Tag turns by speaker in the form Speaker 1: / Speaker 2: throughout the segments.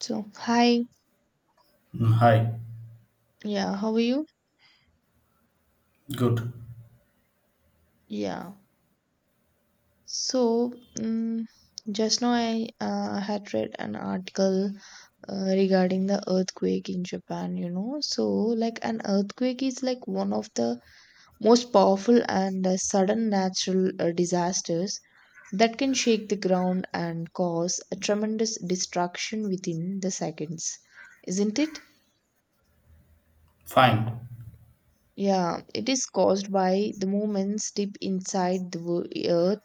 Speaker 1: So, hi,
Speaker 2: Hi,
Speaker 1: yeah, how are you?
Speaker 2: good,
Speaker 1: Yeah, so just now I had read an article regarding the earthquake in Japan, you know. So, like, an earthquake is like one of the most powerful and sudden natural disasters that can shake the ground and cause a tremendous destruction within the seconds, isn't it?
Speaker 2: fine,
Speaker 1: Yeah, it is caused by the movements deep inside the earth,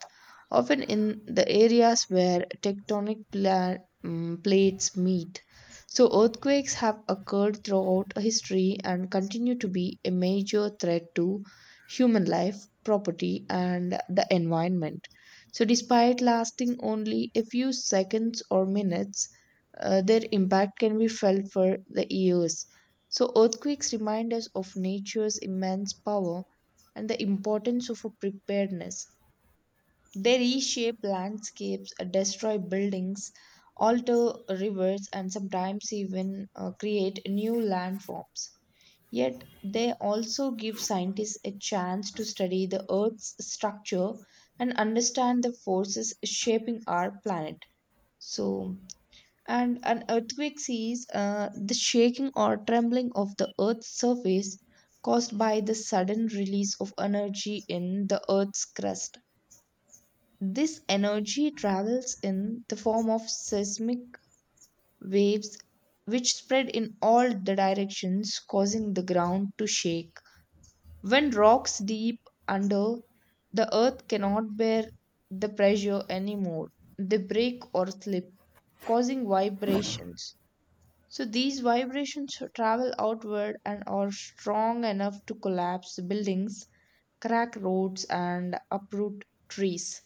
Speaker 1: often in the areas where plates meet. So, earthquakes have occurred throughout history and continue to be a major threat to human life, property, and the environment. So, despite lasting only a few seconds or minutes, their impact can be felt for the years. So, earthquakes remind us of nature's immense power and the importance of a preparedness. They reshape landscapes, destroy buildings, alter rivers, and sometimes even create new landforms. Yet, they also give scientists a chance to study the Earth's structure and understand the forces shaping our planet. So, and an earthquake is the shaking or trembling of the earth's surface caused by the sudden release of energy in the earth's crust. This energy travels in the form of seismic waves, which spread in all the directions, causing the ground to shake. When rocks deep under the earth cannot bear the pressure anymore, they break or slip, causing vibrations. So these vibrations travel outward and are strong enough to collapse buildings, crack roads, and uproot trees.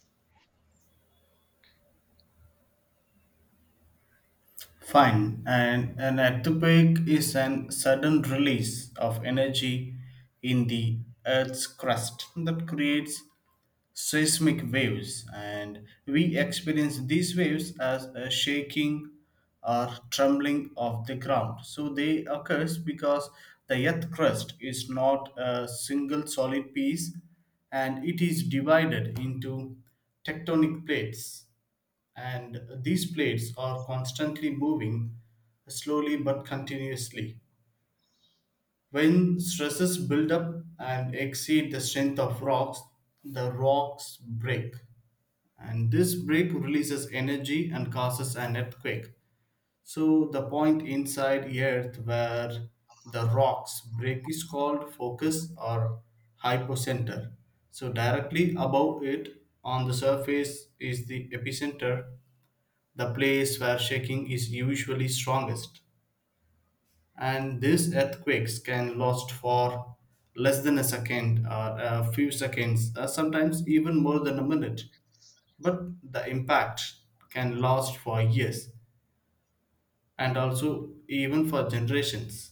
Speaker 2: fine. And an earthquake is an sudden release of energy in the Earth's crust that creates seismic waves, and we experience these waves as a shaking or trembling of the ground. So they occurs because the earth crust is not a single solid piece and it is divided into tectonic plates and these plates are constantly moving slowly but continuously. When stresses build up and exceed the strength of rocks, the rocks break and this break releases energy and causes an earthquake. So the point inside Earth where the rocks break is called focus or hypocenter. So directly above it on the surface is the epicenter, the place where shaking is usually strongest. And these earthquakes can last for less than a second or a few seconds, sometimes even more than a minute but the impact can last for years and also even for generations.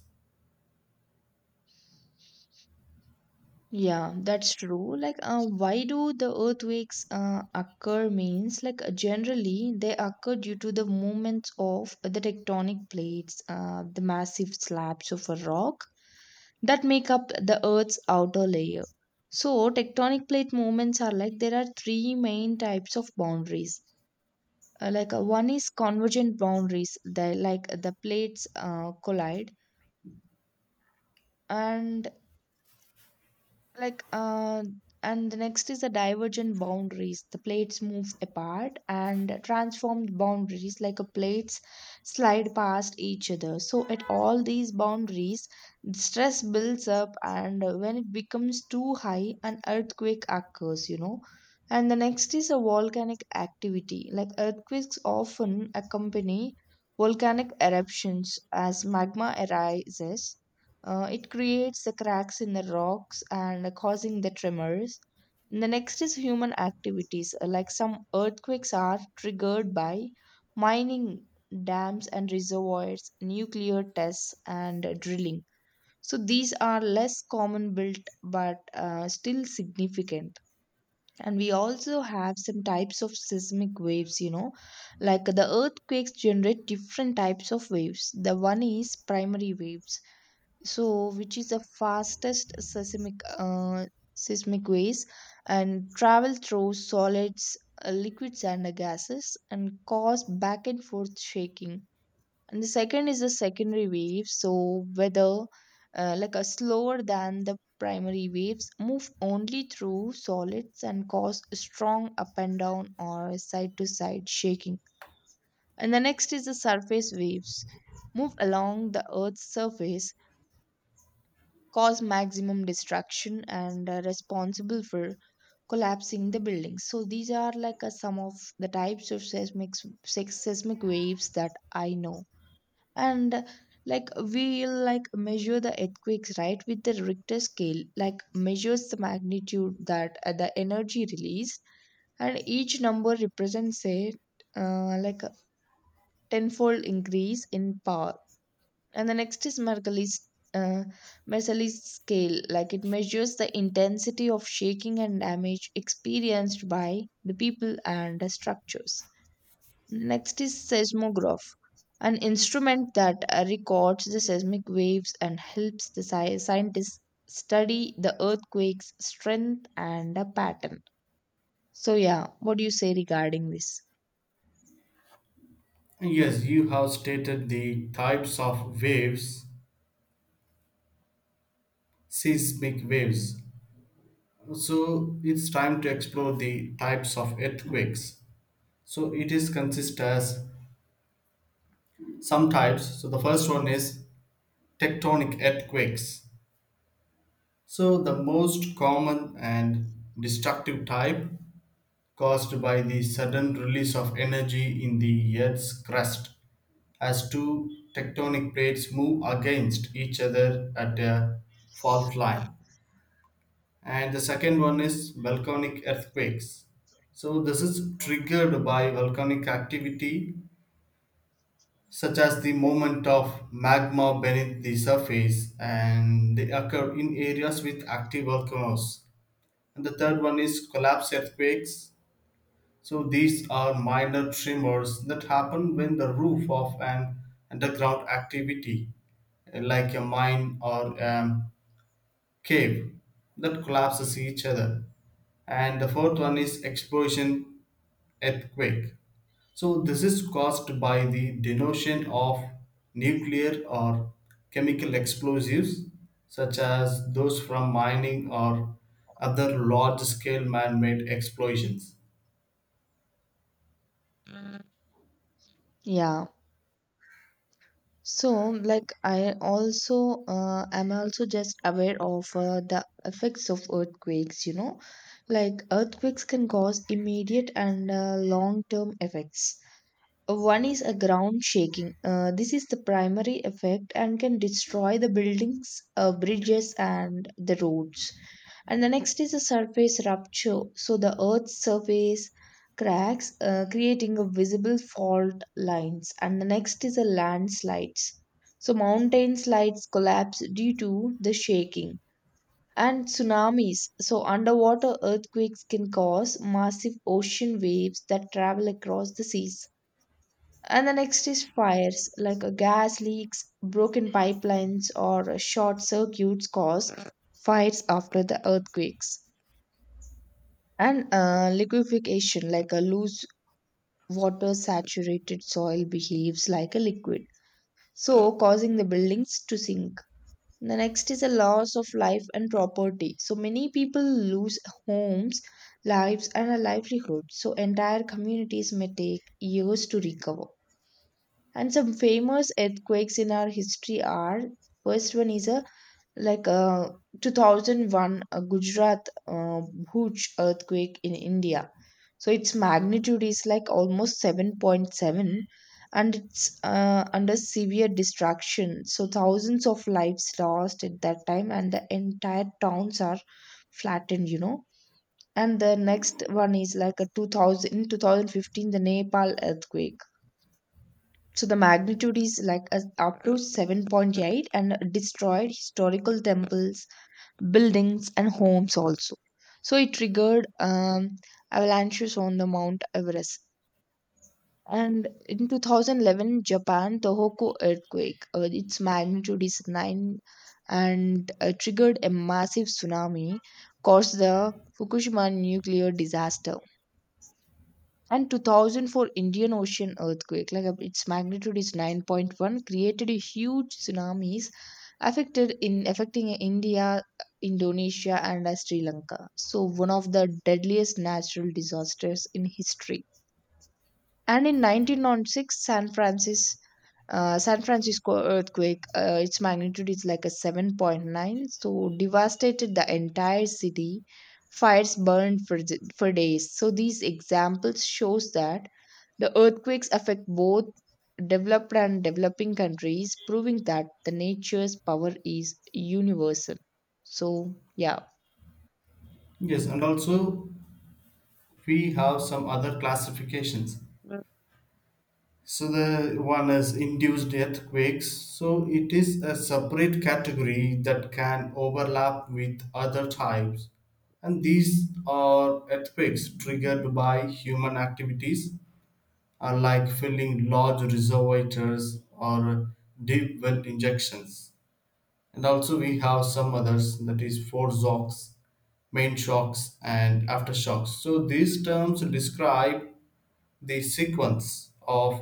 Speaker 1: Yeah, that's true. Like, why do the earthquakes occur? Means, like, generally they occur due to the movements of the tectonic plates, the massive slabs of a rock that make up the Earth's outer layer. So, tectonic plate movements are like there are three main types of boundaries. One is convergent boundaries, the like the plates collide, and like uh and the next is the divergent boundaries, the plates move apart, and transformed boundaries, like a plates slide past each other. So at all these boundaries, stress builds up, and when it becomes too high, an earthquake occurs, you know. And the next is a volcanic activity, like earthquakes often accompany volcanic eruptions. As magma arises, it creates the cracks in the rocks and causing the tremors. The next is human activities, like some earthquakes are triggered by mining, dams and reservoirs, nuclear tests, and drilling. So these are less common built but still significant. And we also have some types of seismic waves, you know, like the earthquakes generate different types of waves. The one is primary waves, so which is the fastest seismic waves, and travel through solids, liquids, and gases, and cause back and forth shaking. And the second is the secondary wave, so whether like a slower than the primary waves, move only through solids and cause strong up and down or side to side shaking. And the next is the surface waves, move along the earth's surface, cause maximum distraction, and responsible for collapsing the buildings. So these are like some of the types of seismic waves that I know. And like we'll like measure the earthquakes right with the Richter scale, like measures the magnitude that the energy release, and each number represents a uh, like a tenfold increase in power. And the next is uh, Mercalli's scale, like it measures the intensity of shaking and damage experienced by the people and the structures. Next is seismograph, an instrument that records the seismic waves and helps the scientists study the earthquake's strength and the pattern. So yeah, what do you say regarding this?
Speaker 2: Yes, you have stated the types of waves, seismic waves. So it's time to explore the types of earthquakes. So it is consist as some types. So the first one is tectonic earthquakes. So the most common and destructive type caused by the sudden release of energy in the earth's crust as two tectonic plates move against each other at a fault line. And the second one is volcanic earthquakes. So, this is triggered by volcanic activity, such as the movement of magma beneath the surface, and they occur in areas with active volcanoes. And the third one is collapse earthquakes. So these are minor tremors that happen when the roof of an underground activity, like a mine or a cave, that collapses each other. And the fourth one is explosion earthquake. So this is caused by the denotion of nuclear or chemical explosives, such as those from mining or other large-scale man-made explosions.
Speaker 1: Yeah. So, like, I also am also just aware of the effects of earthquakes, you know, like earthquakes can cause immediate and long-term effects. One is a ground shaking. This is the primary effect and can destroy the buildings, bridges, and the roads. And the next is a surface rupture. So the Earth's surface cracks, creating a visible fault lines. And the next is a landslides. So mountain slides collapse due to the shaking. And tsunamis. So underwater earthquakes can cause massive ocean waves that travel across the seas. And the next is fires, like gas leaks, broken pipelines, or short circuits cause fires after the earthquakes. And liquefaction, like a loose water saturated soil, behaves like a liquid, so causing the buildings to sink. The next is a loss of life and property. So many people lose homes, lives, and a livelihood. So entire communities may take years to recover. And some famous earthquakes in our history are, first one is a like uh, 2001 Gujarat Bhuj earthquake in India. So its magnitude is like almost 7.7, and it's under severe destruction. So thousands of lives lost at that time and the entire towns are flattened, you know. And the next one is like a 2000 in 2015, the Nepal earthquake. So the magnitude is like a, up to 7.8, and destroyed historical temples, buildings, and homes also. So it triggered avalanches on the Mount Everest. And in 2011, Japan Tohoku earthquake, its magnitude is 9 and triggered a massive tsunami, caused the Fukushima nuclear disaster. And 2004 Indian Ocean earthquake, like its magnitude is 9.1, created a huge tsunamis, affected in affecting India, Indonesia, and Sri Lanka. So one of the deadliest natural disasters in history. And in 1906 San Francisco earthquake, its magnitude is like a 7.9, so devastated the entire city. Fires burned for, for days. So these examples shows that the earthquakes affect both developed and developing countries, proving that the nature's power is universal. So, yeah.
Speaker 2: Yes, and also we have some other classifications. So the one is induced earthquakes. So it is a separate category that can overlap with other types. And these are earthquakes triggered by human activities, like filling large reservoirs or deep well injections. And also we have some others that is foreshocks, main shocks, and aftershocks. So these terms describe the sequence of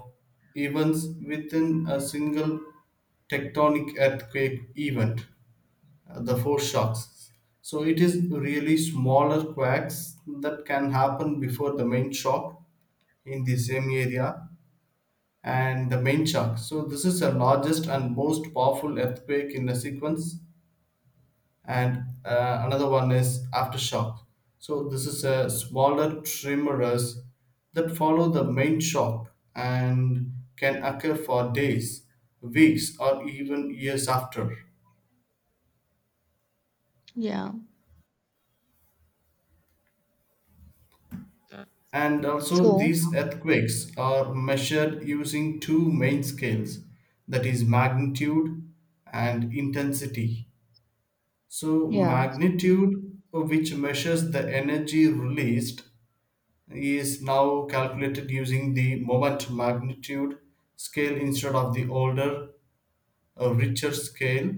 Speaker 2: events within a single tectonic earthquake event, the foreshocks. So it is really smaller quakes that can happen before the main shock in the same area and the main shock. So this is the largest and most powerful earthquake in the sequence and another one is aftershock. So this is a smaller tremors that follow the main shock and can occur for days, weeks, or even years after.
Speaker 1: Yeah.
Speaker 2: And also,
Speaker 1: So,
Speaker 2: these earthquakes are measured using two main scales, that is, magnitude and intensity. So,
Speaker 1: yeah.
Speaker 2: magnitude, which measures the energy released is now calculated using the moment magnitude scale instead of the older, richer scale.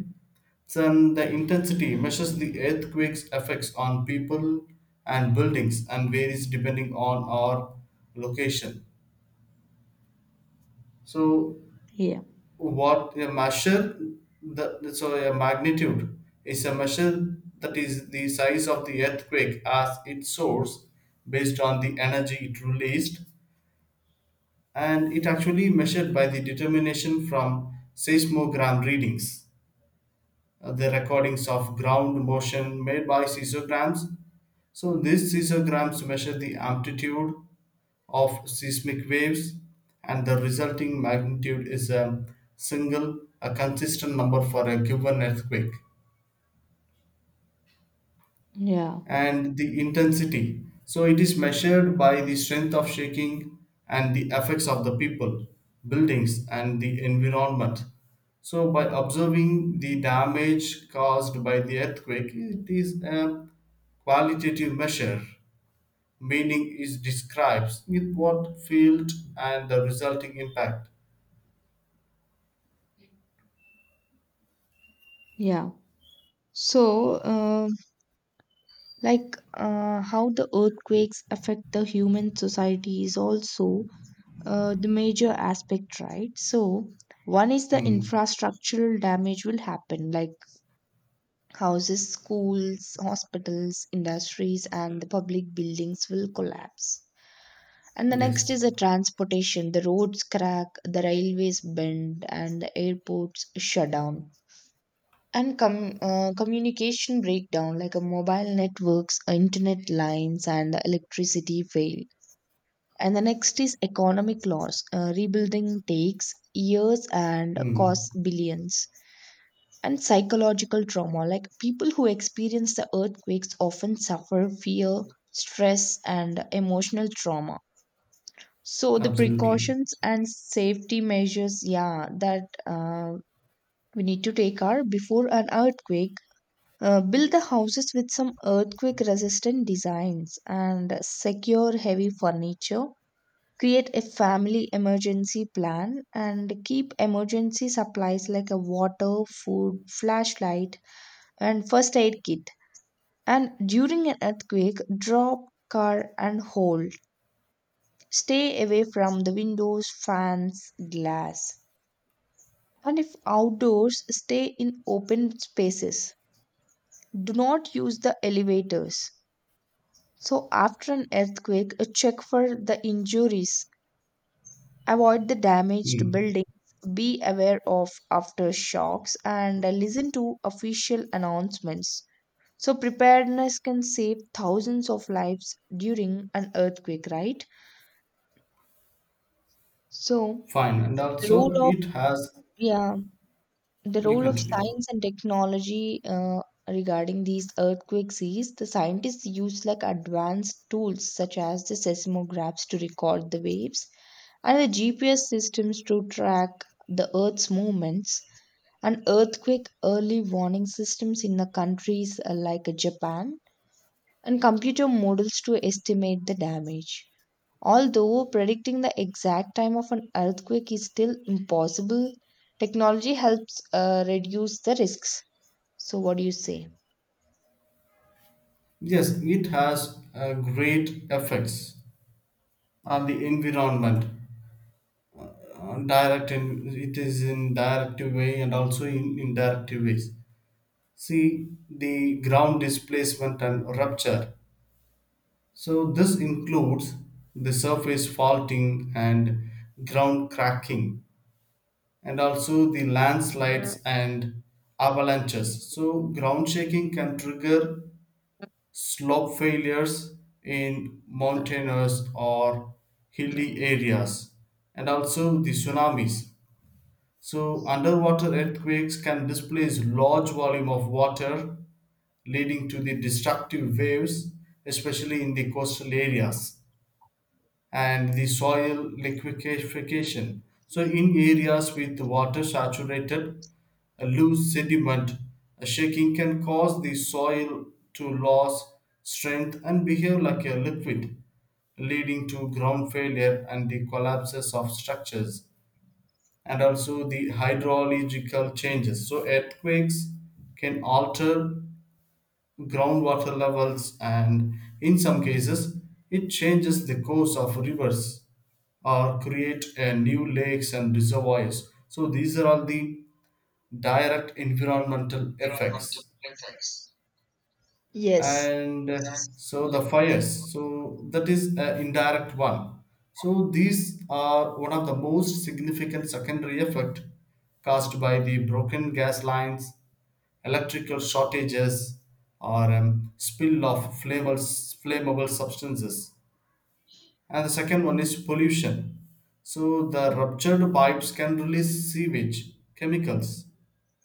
Speaker 2: Then the intensity measures the earthquake's effects on people and buildings and varies depending on our location. So
Speaker 1: Yeah,
Speaker 2: what a measure the so a magnitude is a measure that is the size of the earthquake as its source based on the energy it released and it actually measured by the determination from seismogram readings, the recordings of ground motion made by seismograms. So these seismograms measure the amplitude of seismic waves, and the resulting magnitude is a single, a consistent number for a given earthquake.
Speaker 1: yeah,
Speaker 2: And the intensity. So it is measured by the strength of shaking and the effects of the people, buildings, and the environment. So by observing the damage caused by the earthquake, it is a qualitative measure. Meaning is describes with what field and the resulting impact.
Speaker 1: yeah. So, how the earthquakes affect the human society is also the major aspect, right? So, one is the
Speaker 2: Hmm.
Speaker 1: infrastructural damage will happen, like houses, schools, hospitals, industries, and the public buildings will collapse. And the next
Speaker 2: Yes.
Speaker 1: is the transportation. The roads crack, the railways bend, and the airports shut down. And communication breakdown, like a mobile networks, internet lines, and electricity fail. And the next is economic loss. Rebuilding takes years and costs
Speaker 2: Hmm.
Speaker 1: billions, and psychological trauma. Like people who experience the earthquakes often suffer fear, stress, and emotional trauma. So the
Speaker 2: Absolutely.
Speaker 1: precautions and safety measures, yeah, that we need to take are before an earthquake. Build the houses with some earthquake resistant designs and secure heavy furniture. Create a family emergency plan and keep emergency supplies like a water, food, flashlight, and first aid kit. And during an earthquake, drop car and hold. Stay away from the windows, fans, glass. And if outdoors, stay in open spaces. Do not use the elevators. So after an earthquake, check for the injuries, avoid the damaged
Speaker 2: Hmm.
Speaker 1: buildings, be aware of aftershocks, and listen to official announcements. So, preparedness can save thousands of lives during an earthquake, right? So,
Speaker 2: Fine. And
Speaker 1: the role
Speaker 2: also
Speaker 1: of,
Speaker 2: it has,
Speaker 1: yeah, the
Speaker 2: you
Speaker 1: role of
Speaker 2: continue.
Speaker 1: science and technology regarding these earthquakes is the scientists use like advanced tools such as the seismographs to record the waves and the GPS systems to track the Earth's movements. And earthquake early warning systems in the countries like Japan, and computer models to estimate the damage. Although predicting the exact time of an earthquake is still impossible, technology helps reduce the risks. So, what do you say?
Speaker 2: Yes, it has great effects on the environment. Direct and it is in direct way and also in indirect ways. See the ground displacement and rupture. So this includes the surface faulting and ground cracking and also the landslides and avalanches. So ground shaking can trigger slope failures in mountainous or hilly areas, and also the tsunamis. So, underwater earthquakes can displace large volume of water, leading to the destructive waves, especially in the coastal areas and the soil liquefaction. So, in areas with water saturated, a loose sediment, a shaking can cause the soil to lose strength and behave like a liquid, leading to ground failure and the collapses of structures, and also the hydrological changes. So, earthquakes can alter groundwater levels, and in some cases, it changes the course of rivers or create new lakes and reservoirs. So these are all the direct environmental effects.
Speaker 1: Yes,
Speaker 2: And so the fires, so that is an indirect one. So these are one of the most significant secondary effect caused by the broken gas lines, electrical shortages, or spill of flammable substances. And the second one is pollution. So the ruptured pipes can release sewage, chemicals,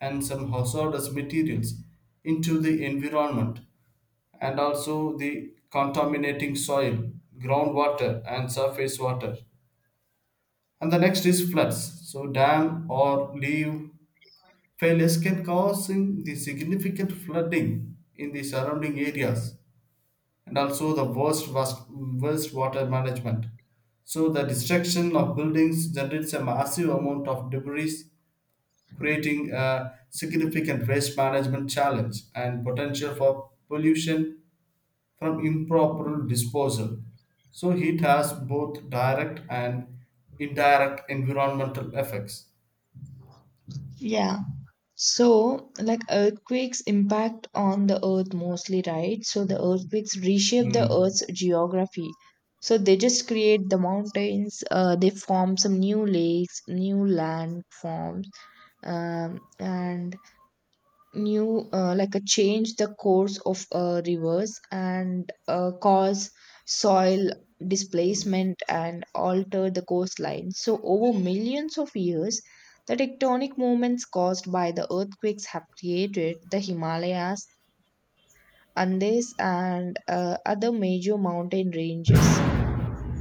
Speaker 2: and some hazardous materials into the environment and also the contaminating soil, groundwater, and surface water. And the next is floods. So dam or leave failures can cause in the significant flooding in the surrounding areas and also the was worst water management. So the destruction of buildings generates a massive amount of debris, creating a significant waste management challenge and potential for pollution from improper disposal. So heat has both direct and indirect environmental effects.
Speaker 1: yeah. So, like earthquakes impact on the earth mostly, right? So, the earthquakes reshape the
Speaker 2: Hmm.
Speaker 1: earth's geography. So, they just create the mountains, they form some new lakes, new landforms, and new like a change the course of rivers, and cause soil displacement and alter the coastline. So over millions of years, the tectonic movements caused by the earthquakes have created the Himalayas, Andes, and other major mountain ranges.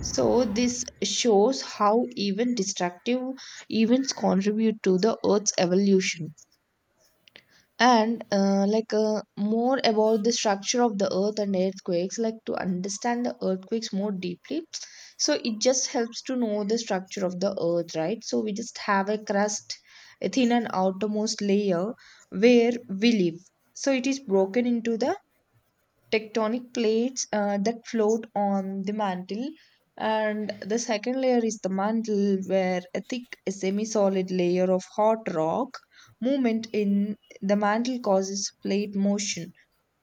Speaker 1: So this shows how even destructive events contribute to the earth's evolution. And more about the structure of the earth and earthquakes, like to understand the earthquakes more deeply, so it just helps to know the structure of the earth, right? So we just have a crust, a thin and outermost layer where we live. So it is broken into the tectonic plates that float on the mantle. And the second layer is the mantle, where a thick semi-solid layer of hot rock movement in the mantle causes plate motion.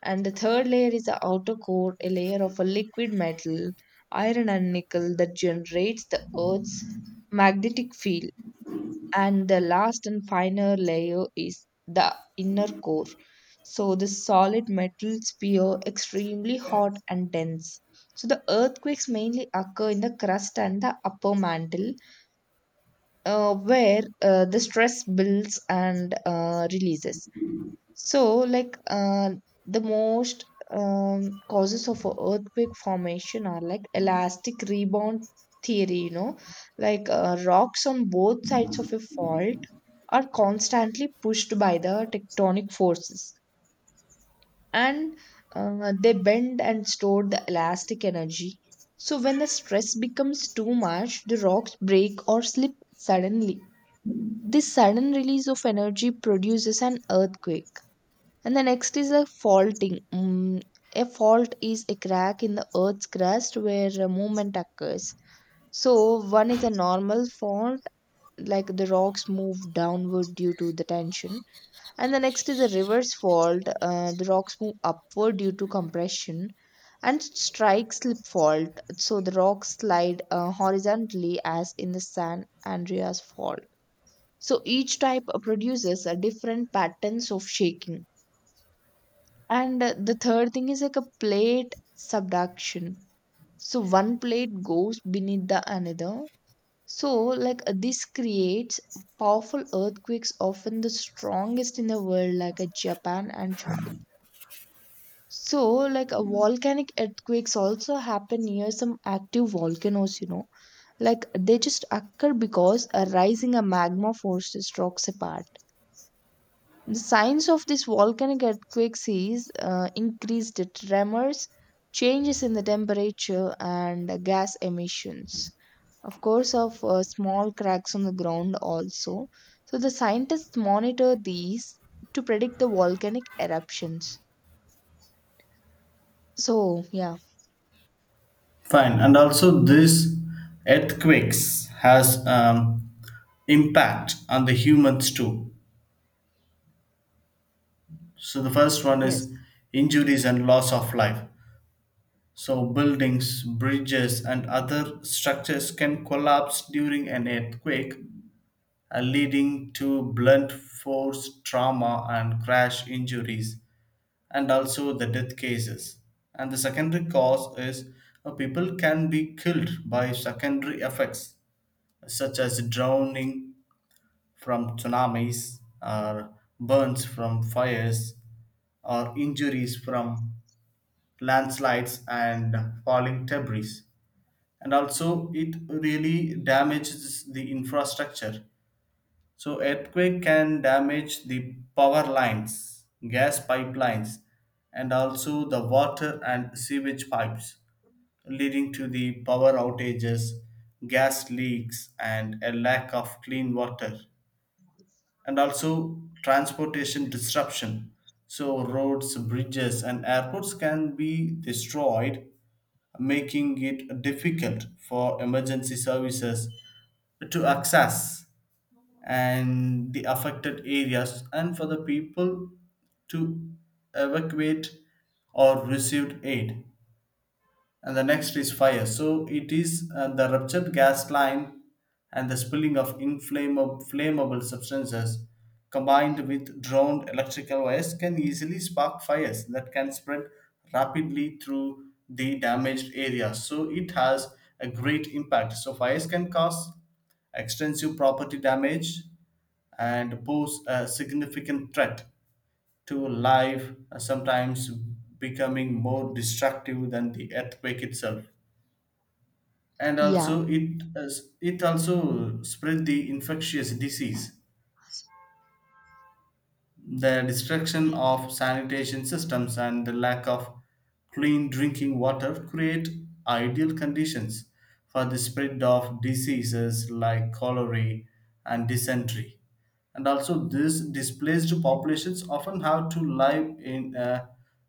Speaker 1: And the third layer is the outer core, a layer of a liquid metal, iron and nickel, that generates the Earth's magnetic field. And the last and final layer is the inner core. So the solid metal sphere extremely hot and dense. So the earthquakes mainly occur in the crust and the upper mantle, where the stress builds and releases. So, like, the most causes of a earthquake formation are like elastic rebound theory, rocks on both sides of a fault are constantly pushed by the tectonic forces and they bend and store the elastic energy. So, when the stress becomes too much, the rocks break or slip suddenly. This sudden release of energy produces an earthquake and the next is a faulting. A fault is a crack in the earth's crust where a movement occurs. So, one is a normal fault, like the rocks move downward due to the tension. And the next is a reverse fault, the rocks move upward due to compression. And strike slip fault, so the rocks slide horizontally as in the San Andreas fault. So, each type produces a different patterns of shaking and the third thing is like a plate subduction. So one plate goes beneath the another. So this creates powerful earthquakes, often the strongest in the world, like Japan and China. So volcanic earthquakes also happen near some active volcanoes, like they just occur because a rising a magma forces rocks apart. The signs of this volcanic earthquakes is increased tremors, changes in the temperature, and gas emissions. Of course, of small cracks on the ground also. So the scientists monitor these to predict the volcanic eruptions. So yeah,
Speaker 2: Fine, and also these earthquakes has impact on the humans too. So the first one
Speaker 1: Yes.
Speaker 2: is injuries and loss of life. So buildings, bridges, and other structures can collapse during an earthquake, leading to blunt force trauma and crash injuries, and also the death cases. And the secondary cause is people can be killed by secondary effects such as drowning from tsunamis, or burns from fires, or injuries from landslides and falling debris. And also, it really damages the infrastructure. So, earthquake can damage the power lines, gas pipelines, and also the water and sewage pipes, leading to the power outages, gas leaks, and a lack of clean water. And also transportation disruption. So, roads, bridges, and airports can be destroyed, making it difficult for emergency services to access and the affected areas and for the people to evacuate or receive aid. And the next is fire. So it is the ruptured gas line and the spilling of inflammable flammable substances combined with drowned electrical wires can easily spark fires that can spread rapidly through the damaged area. So it has a great impact. So fires can cause extensive property damage and pose a significant threat to life, sometimes becoming more destructive than the earthquake itself. And
Speaker 1: yeah,
Speaker 2: also it it also spread the infectious disease, the destruction of sanitation systems and the lack of clean drinking water create ideal conditions for the spread of diseases like cholera and dysentery. And also, these displaced populations often have to live in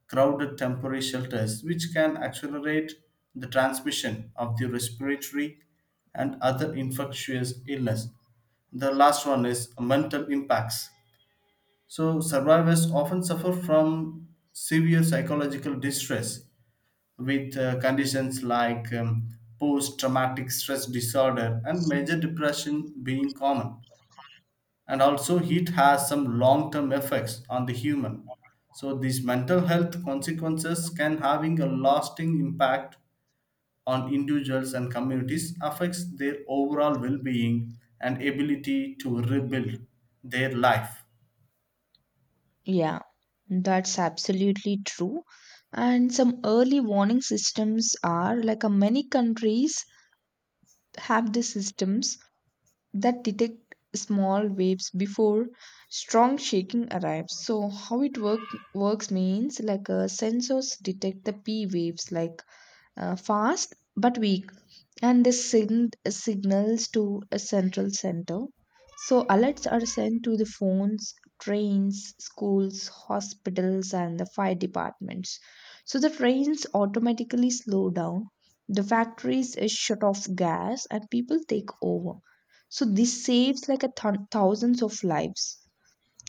Speaker 2: crowded temporary shelters, which can accelerate the transmission of the respiratory and other infectious illness. The last one is mental impacts. So, survivors often suffer from severe psychological distress with conditions like post traumatic stress disorder and major depression being common. And also, heat has some long term effects on the human. So, these mental health consequences can having a lasting impact on individuals and communities affects their overall well-being and ability to rebuild their life.
Speaker 1: yeah, that's absolutely true. And some early warning systems are like many countries have these systems that detect small waves before strong shaking arrives, so how it works means like sensors detect the p waves like fast but weak, and this signals to a central center. So alerts are sent to the phones, trains, schools, hospitals, and the fire departments. So the trains automatically slow down, the factories is shut off gas, and people take over. So this saves like a thousands of lives.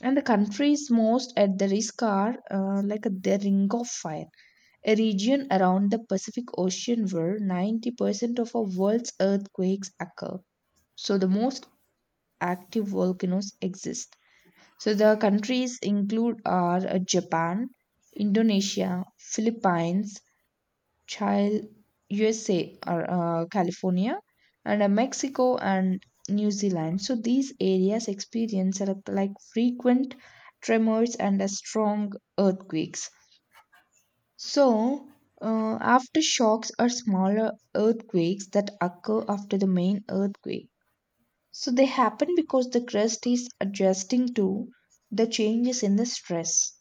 Speaker 1: And the countries most at the risk are the ring of fire, a region around the Pacific Ocean where 90% of our world's earthquakes occur. So, the most active volcanoes exist. So, the countries include are Japan, Indonesia, Philippines, Chile, USA, or California, and Mexico and New Zealand. So, these areas experience like frequent tremors and strong earthquakes. So, aftershocks are smaller earthquakes that occur after the main earthquake. So, they happen because the crust is adjusting to the changes in the stress.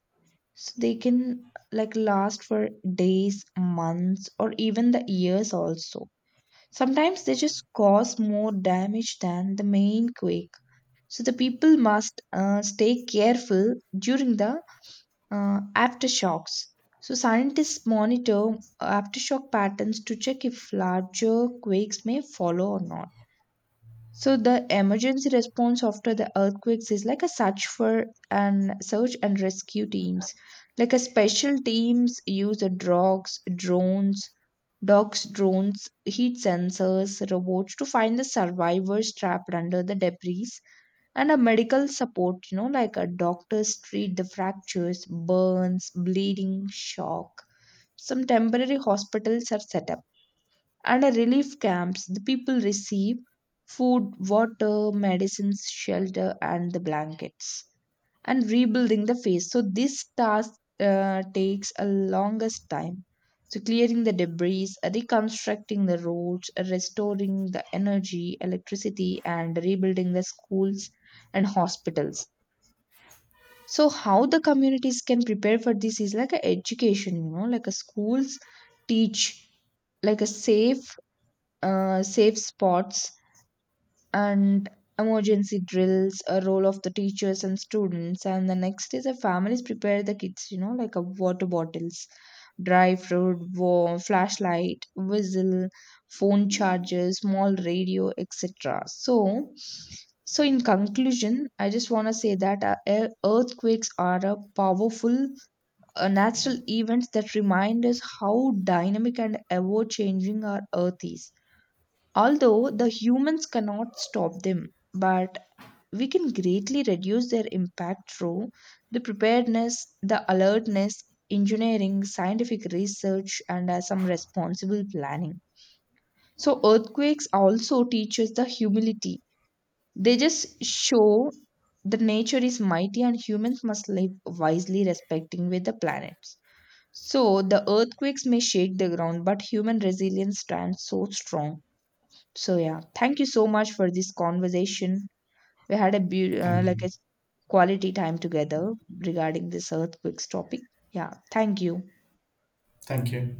Speaker 1: So, they can like last for days, months, or even the years also. Sometimes they just cause more damage than the main quake. So, the people must stay careful during the aftershocks. So, scientists monitor aftershock patterns to check if larger quakes may follow or not. So, the emergency response after the earthquakes is like a search and rescue teams. Like a special teams use the dogs, drones, heat sensors, robots to find the survivors trapped under the debris, and a medical support, you know, like a doctors treat the fractures, burns, bleeding, shock. Some temporary hospitals are set up, and a relief camps the people receive food, water, medicines, shelter, and the blankets. And rebuilding the face. So this task takes a longest time. So clearing the debris, reconstructing the roads, restoring the energy, electricity, and rebuilding the schools and hospitals. So how the communities can prepare for this is like a education, you know, like a schools teach like a safe spots and emergency drills, a role of the teachers and students. And the next is the families prepare the kids, you know, like a water bottles, dry fruit, warm, flashlight, whistle, phone chargers, small radio, etc. So, in conclusion, I just want to say that earthquakes are a powerful natural events that remind us how dynamic and ever changing our earth is. Although the humans cannot stop them, but we can greatly reduce their impact through the preparedness, the alertness, engineering, scientific research, and some responsible planning. So earthquakes also teach us the humility. They just show that nature is mighty and humans must live wisely, respecting with the planets. So the earthquakes may shake the ground, but human resilience stands so strong. So yeah, thank you so much for this conversation. We had a
Speaker 2: Thank you.
Speaker 1: quality time together regarding this earthquakes topic. Yeah, thank you.
Speaker 2: Thank you.